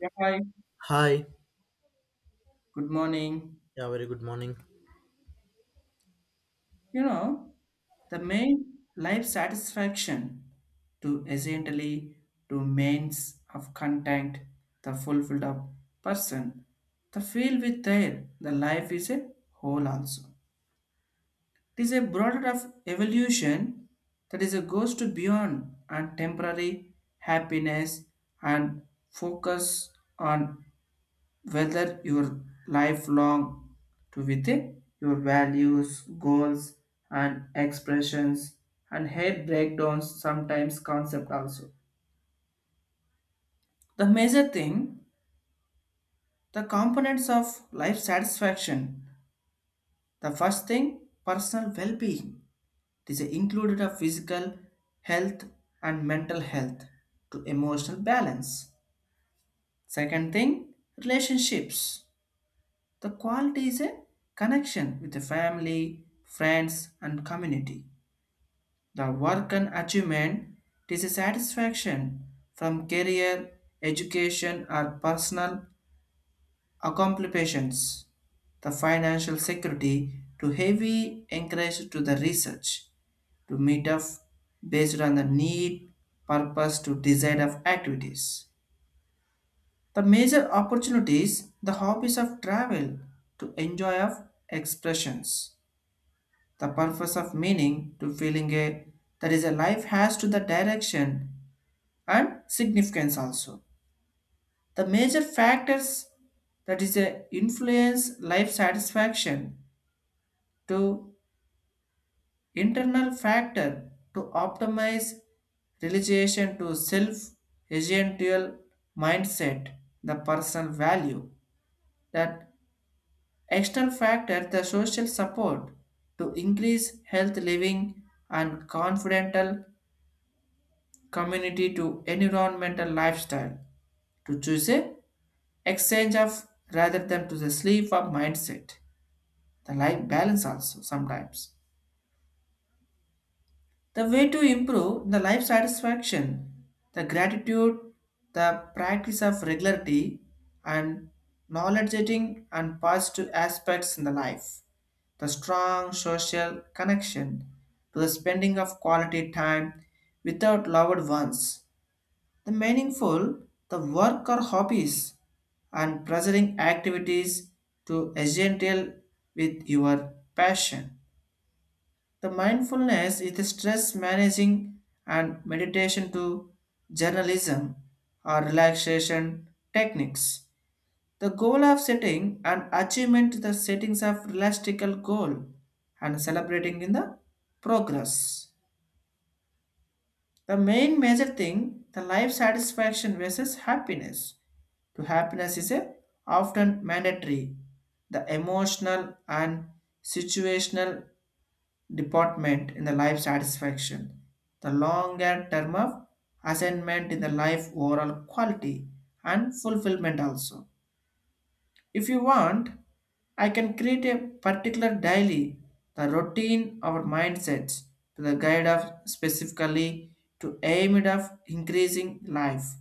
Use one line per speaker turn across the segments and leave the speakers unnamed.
Yeah, hi.
Hi.
Good morning.
Yeah, very good morning.
You know, the main life satisfaction to essentially to means of content, the fulfilled up person, the feel with their the life is a whole also. It is a broader of evolution that is a goes to beyond and temporary happiness and focus on whether your lifelong to with your values, goals, and expressions, and head breakdowns sometimes concept also. The major thing, the components of life satisfaction. The first thing, personal well-being. This is included of physical health and mental health to emotional balance. Second thing, relationships. The quality is a connection with the family, friends, and community. The work and achievement, it is a satisfaction from career, education, or personal accomplishments. The financial security to heavy encourage to the research to meet up based on the need, purpose to desire of activities. The major opportunities, the hobbies of travel to enjoy of expressions, the purpose of meaning to feeling a that is a life has to the direction and significance also, the major factors that is a influence life satisfaction to internal factor to optimize realization to self essential mindset, the personal value that external factor, the social support to increase health living and confidential community to environmental lifestyle to choose a exchange of rather than to the sleep of mindset, the life balance also sometimes. The way to improve the life satisfaction, the gratitude, the practice of regularity and knowledge getting and positive aspects in the life, the strong social connection to the spending of quality time without loved ones, the meaningful, the work or hobbies and pleasuring activities to essential with your passion, the mindfulness is the stress managing and meditation to journalism or relaxation techniques, the goal of setting and achievement, the settings of realistical goal and celebrating in the progress. The main major thing, the life satisfaction versus happiness. To happiness is a often mandatory. The emotional and situational department in the life satisfaction. The longer term of assignment in the life overall quality and fulfillment also. If you want, I can create a particular daily, the routine or mindsets to the guide of specifically to aim it of increasing life.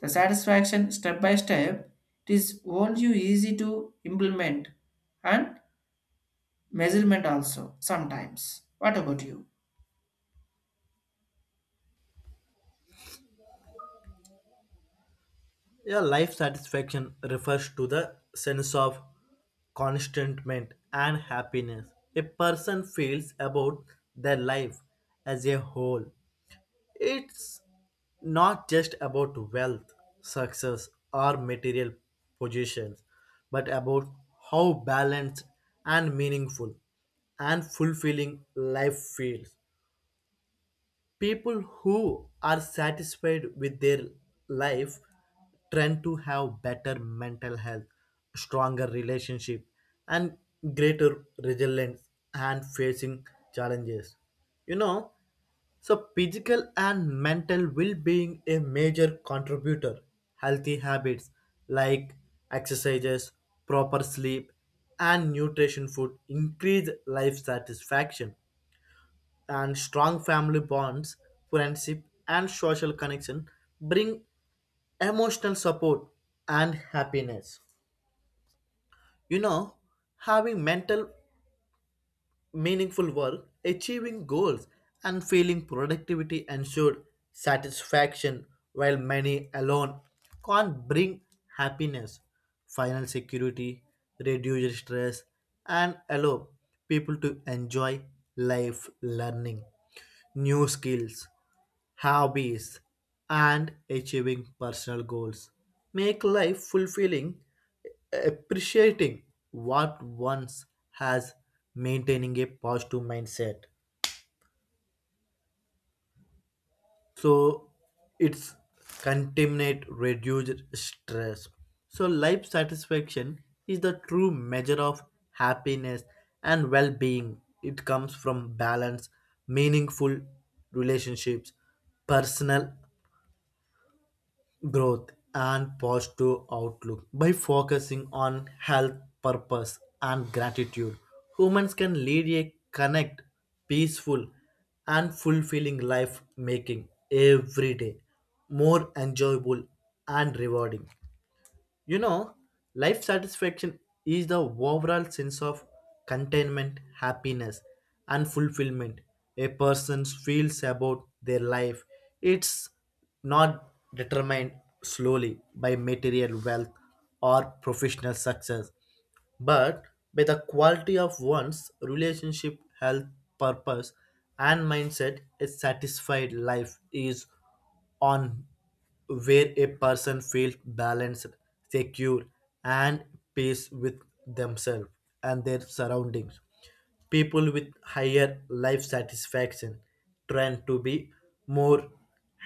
The satisfaction step by step, it is all you easy to implement and measurement also sometimes. What about you?
Yeah, life satisfaction refers to the sense of contentment and happiness a person feels about their life as a whole. It's not just about wealth, success, or material positions, but about how balanced and meaningful and fulfilling life feels. People who are satisfied with their life tend to have better mental health, stronger relationship, and greater resilience and facing challenges, you know. So physical and mental well-being a major contributor. Healthy habits like exercises, proper sleep, and nutrition food increase life satisfaction, and strong family bonds, friendship, and social connection bring emotional support and happiness. You know, having mental, meaningful work, achieving goals, and feeling productivity ensure satisfaction, while many alone can't bring happiness. Final security, reduce stress, and allow people to enjoy life learning new skills, hobbies, and achieving personal goals. Make life fulfilling, appreciating what one's has, maintaining a positive mindset. So it's contaminate, reduce stress. So life satisfaction is the true measure of happiness and well-being. It comes from balance, meaningful relationships, personal growth, and positive outlook. By focusing on health, purpose, and gratitude, humans can lead a connect, peaceful, and fulfilling life, making every day more enjoyable and rewarding. You know, life satisfaction is the overall sense of contentment, happiness, and fulfillment a person feels about their life. It's not determined slowly by material wealth or professional success, but by the quality of one's relationship, health, purpose, and mindset. A satisfied life is on where a person feels balanced, secure, and peace with themselves and their surroundings. People with higher life satisfaction tend to be more,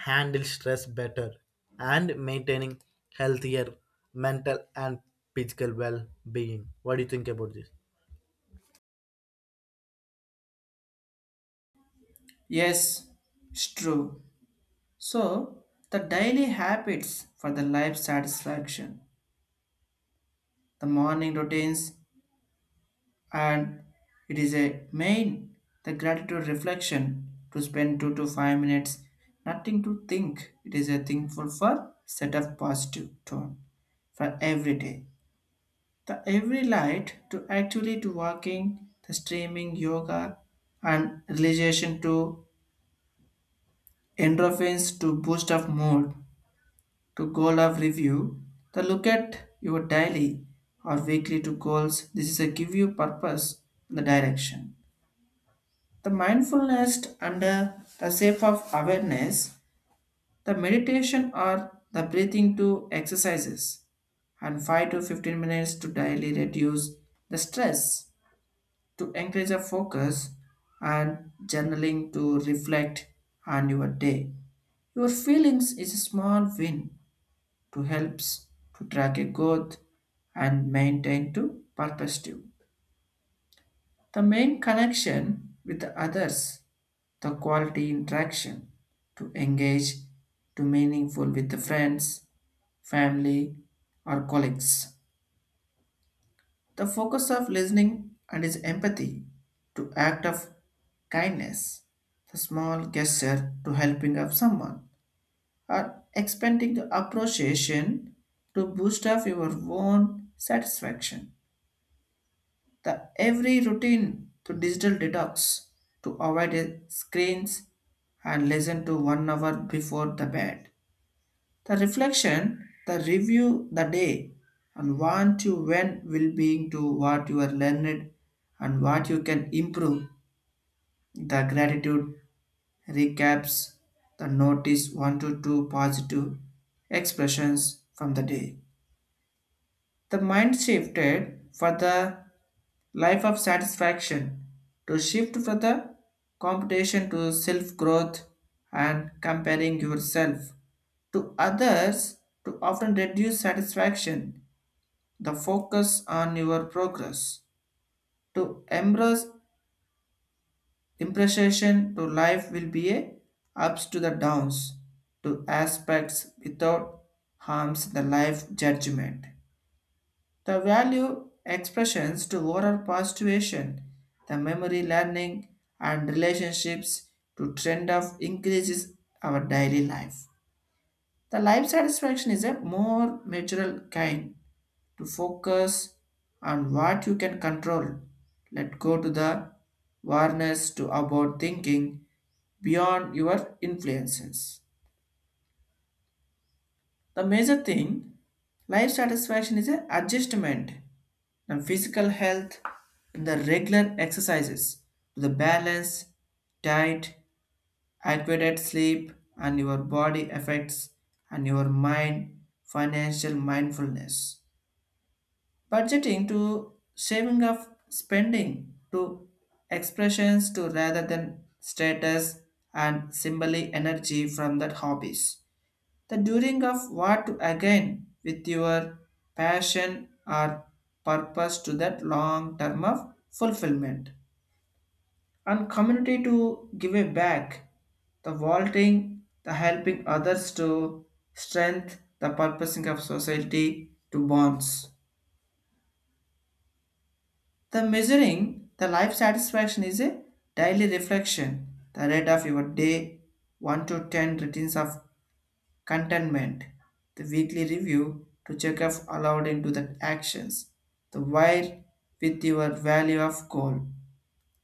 handle stress better, and maintaining healthier mental and physical well-being. What do you think about this?
Yes, it's true. So, the daily habits for the life satisfaction, the morning routines, and it is a main the gratitude reflection to spend 2 to 5 minutes nothing to think it is a thankful for set of positive tone for every day, the every light to actually to walking, the streaming yoga and relation to endorphins to boost of mood, to goal of review, the look at your daily or weekly to goals, this is a give you purpose, the direction. The mindfulness under the shape of awareness, the meditation or the breathing to exercises, and 5 to 15 minutes to daily reduce the stress, to encourage a focus, and journaling to reflect on your day. Your feelings is a small win to helps to track a growth and maintain to perspective. The main connection with the others, the quality interaction, to engage to meaningful with the friends, family, or colleagues. The focus of listening and is empathy to act of kindness, the small gesture to helping of someone, or expanding the appreciation to boost up your own satisfaction. The every routine to digital detox to avoid screens and listen to 1 hour before the bed. The reflection, the review the day and want you when will being to what you are learned and what you can improve. The gratitude recaps, the notice one to two positive expressions from the day. The mind shifted for the life of satisfaction to shift from the competition to self growth and comparing yourself to others to often reduce satisfaction, the focus on your progress to embrace impression to life will be a ups to the downs to aspects without harms the life judgment. The value expressions to oral persuasion, the memory learning and relationships to trend of increases our daily life. The life satisfaction is a more natural kind to focus on what you can control. Let go to the awareness to about thinking beyond your influences. The major thing, life satisfaction is an adjustment and physical health and the regular exercises to the balance diet, adequate sleep and your body effects and your mind, financial mindfulness, budgeting to saving of spending to expressions to rather than status and symbolic energy from that hobbies, the doing of what again with your passion or purpose to that long term of fulfillment and community to give it back, the vaulting the helping others to strength the purposing of society to bonds, the measuring the life satisfaction is a daily reflection, the rate of your day 1 to 10 ratings of contentment, the weekly review to check if allowed into the actions, the wire with your value of goal,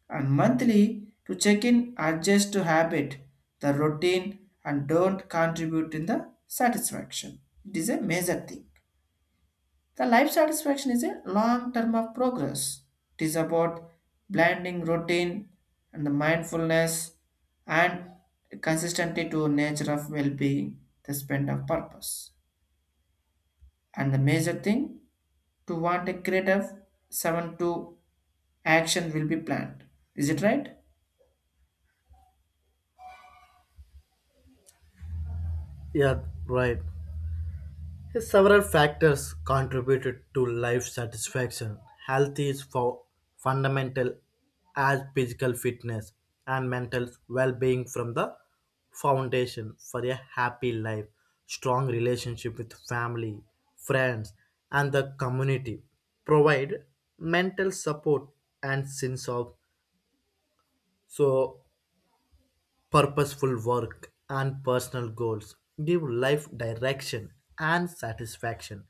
and monthly to check in adjust to habit, the routine, and don't contribute in the satisfaction. It is a major thing. The life satisfaction is a long term of progress. It is about blending routine and the mindfulness and consistency to nature of well-being, the spend of purpose, and the major thing to want a creative 7 to action will be planned, is it right?
Yeah, right. Yes, several factors contributed to life satisfaction. Health is for fundamental as physical fitness and mental well-being from the foundation for a happy life, strong relationship with family, friends, and the community. Provide mental support and sense of. So purposeful work and personal goals give life direction and satisfaction,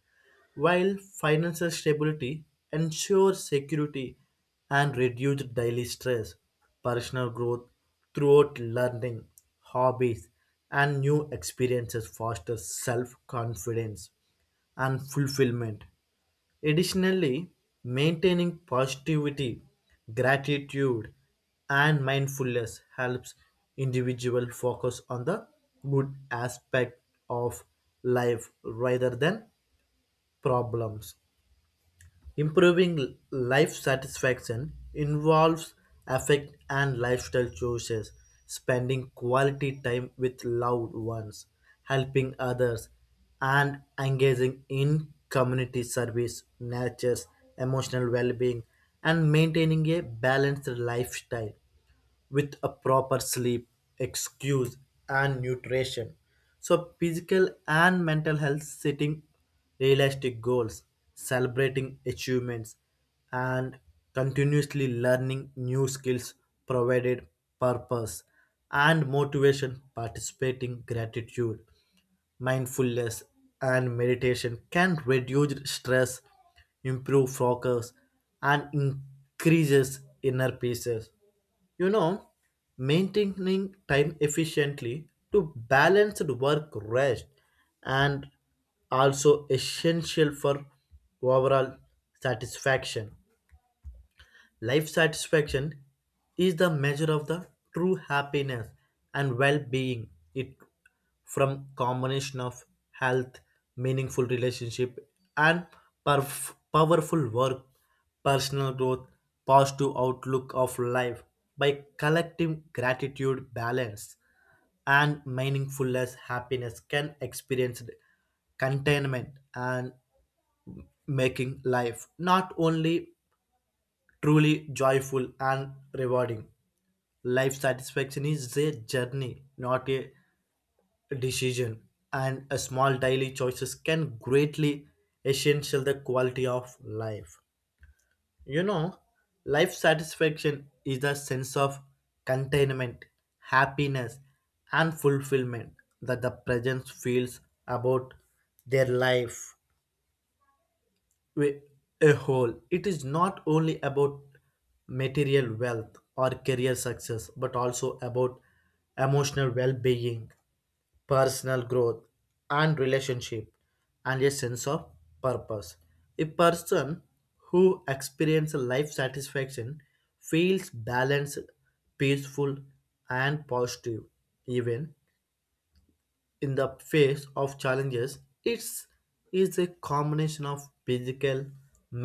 while financial stability ensures security and reduced daily stress. Personal growth throughout learning, hobbies, and new experiences fosters self confidence and fulfillment. Additionally, maintaining positivity, gratitude, and mindfulness helps individual focus on the good aspect of life rather than problems. Improving life satisfaction involves affect and lifestyle choices, spending quality time with loved ones, helping others, and engaging in community service, nurtures emotional well being, and maintaining a balanced lifestyle with a proper sleep, excuse, and nutrition. So, physical and mental health, setting realistic goals, celebrating achievements, and continuously learning new skills provided purpose and motivation. Participating, gratitude, mindfulness, and meditation can reduce stress, improve focus, and increases inner peace, you know. Maintaining time efficiently to balance the work, rest, and also essential for overall satisfaction. Life satisfaction is the measure of the true happiness and well-being. It from combination of health, meaningful relationship, and perf- powerful work, personal growth, positive outlook of life. By collective gratitude, balance, and meaningfulness, happiness can experience containment and making life not only truly joyful and rewarding. Life satisfaction is a journey, not a decision, and a small daily choices can greatly essential the quality of life. You know, life satisfaction is the sense of containment, happiness, and fulfillment that the presence feels about their life wi- a whole. It is not only about material wealth or career success, but also about emotional well being, personal growth, and relationship, and a sense of purpose. A person who experiences life satisfaction feels balanced, peaceful, and positive, even in the face of challenges. It's is a combination of physical,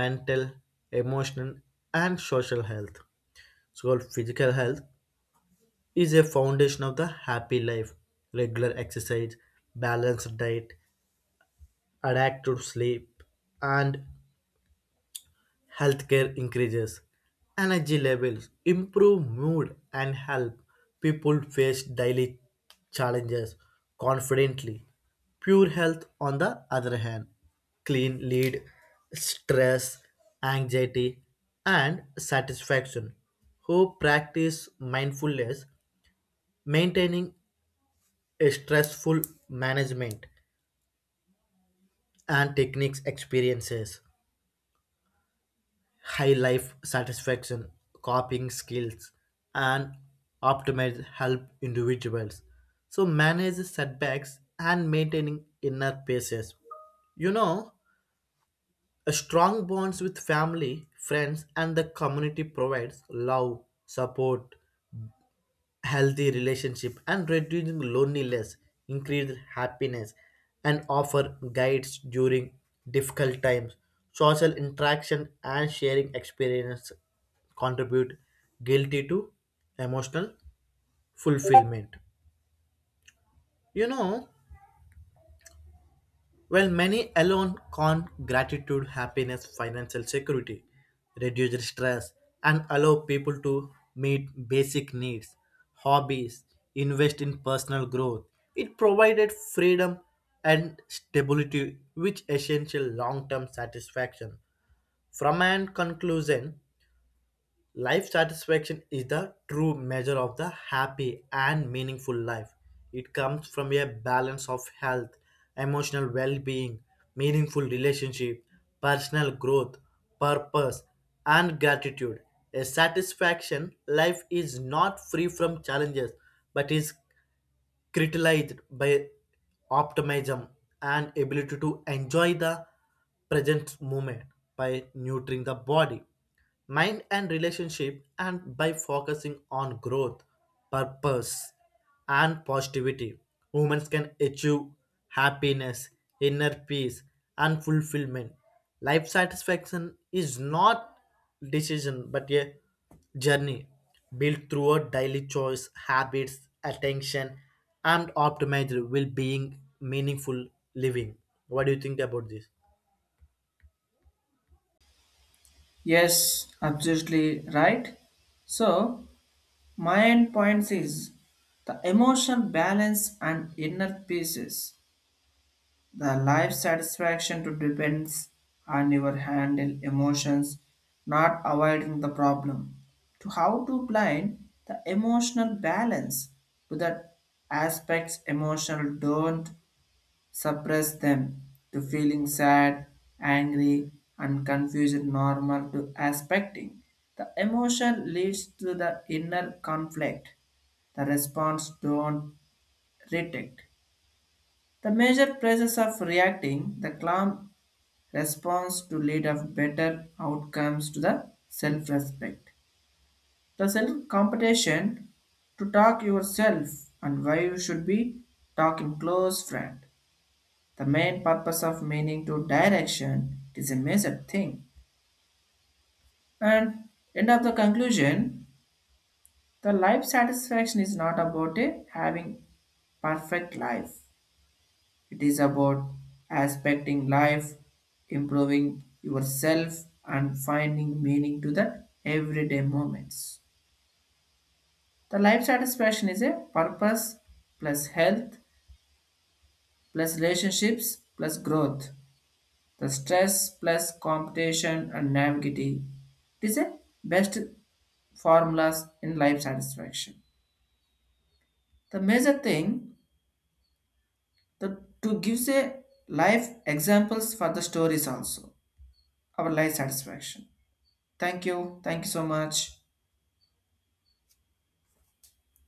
mental, emotional, and social health. So called physical health is a foundation of the happy life. Regular exercise, balanced diet, adequate sleep, and healthcare increases energy levels, improve mood, and help people face daily challenges confidently. Pure health, on the other hand, clean lead, stress, anxiety, and satisfaction. Who practice mindfulness, maintaining a stressful management and techniques experiences. High life satisfaction, coping skills, and optimize help individuals. So manage setbacks and maintaining inner peace. You know, a strong bonds with family, friends, and the community provides love, support, healthy relationship, and reducing loneliness increase happiness and offer guides during difficult times. Social interaction and sharing experience contribute guilty to emotional fulfillment, you know. While many alone con gratitude, happiness, financial security, reduce stress, and allow people to meet basic needs, hobbies, invest in personal growth. It provided freedom and stability, which essential long-term satisfaction. From an conclusion, life satisfaction is the true measure of the happy and meaningful life. It comes from a balance of health, emotional well being, meaningful relationship, personal growth, purpose, and gratitude. A satisfaction life is not free from challenges but is criticalized by optimism and ability to enjoy the present moment. By nurturing the body, mind, and relationship, and by focusing on growth, purpose, and positivity, humans can achieve happiness, inner peace, and fulfillment. Life satisfaction is not decision but a journey, built through a daily choice, habits, attention, and optimized will being meaningful living. What do you think about this?
Yes, absolutely right. So, my end points is the emotional balance and inner pieces, the life satisfaction to depends on your handle emotions, not avoiding the problem, to how to blind the emotional balance to that aspects emotional. Don't suppress them to feeling sad, angry, and confused normal to aspecting. The emotion leads to the inner conflict. The response don't detect. The major process of reacting, the calm response to lead of better outcomes to the self-respect. The self-competition to talk yourself and why you should be talking close friend. The main purpose of meaning to direction is a major thing. And end of the conclusion, the life satisfaction is not about a having perfect life. It is about aspecting life, improving yourself, and finding meaning to the everyday moments. The life satisfaction is a purpose plus health plus relationships plus growth. The stress plus competition and naivety, it is a best formulas in life satisfaction. The major thing, the, to gives a life examples for the stories also our life satisfaction. Thank you. Thank you so much.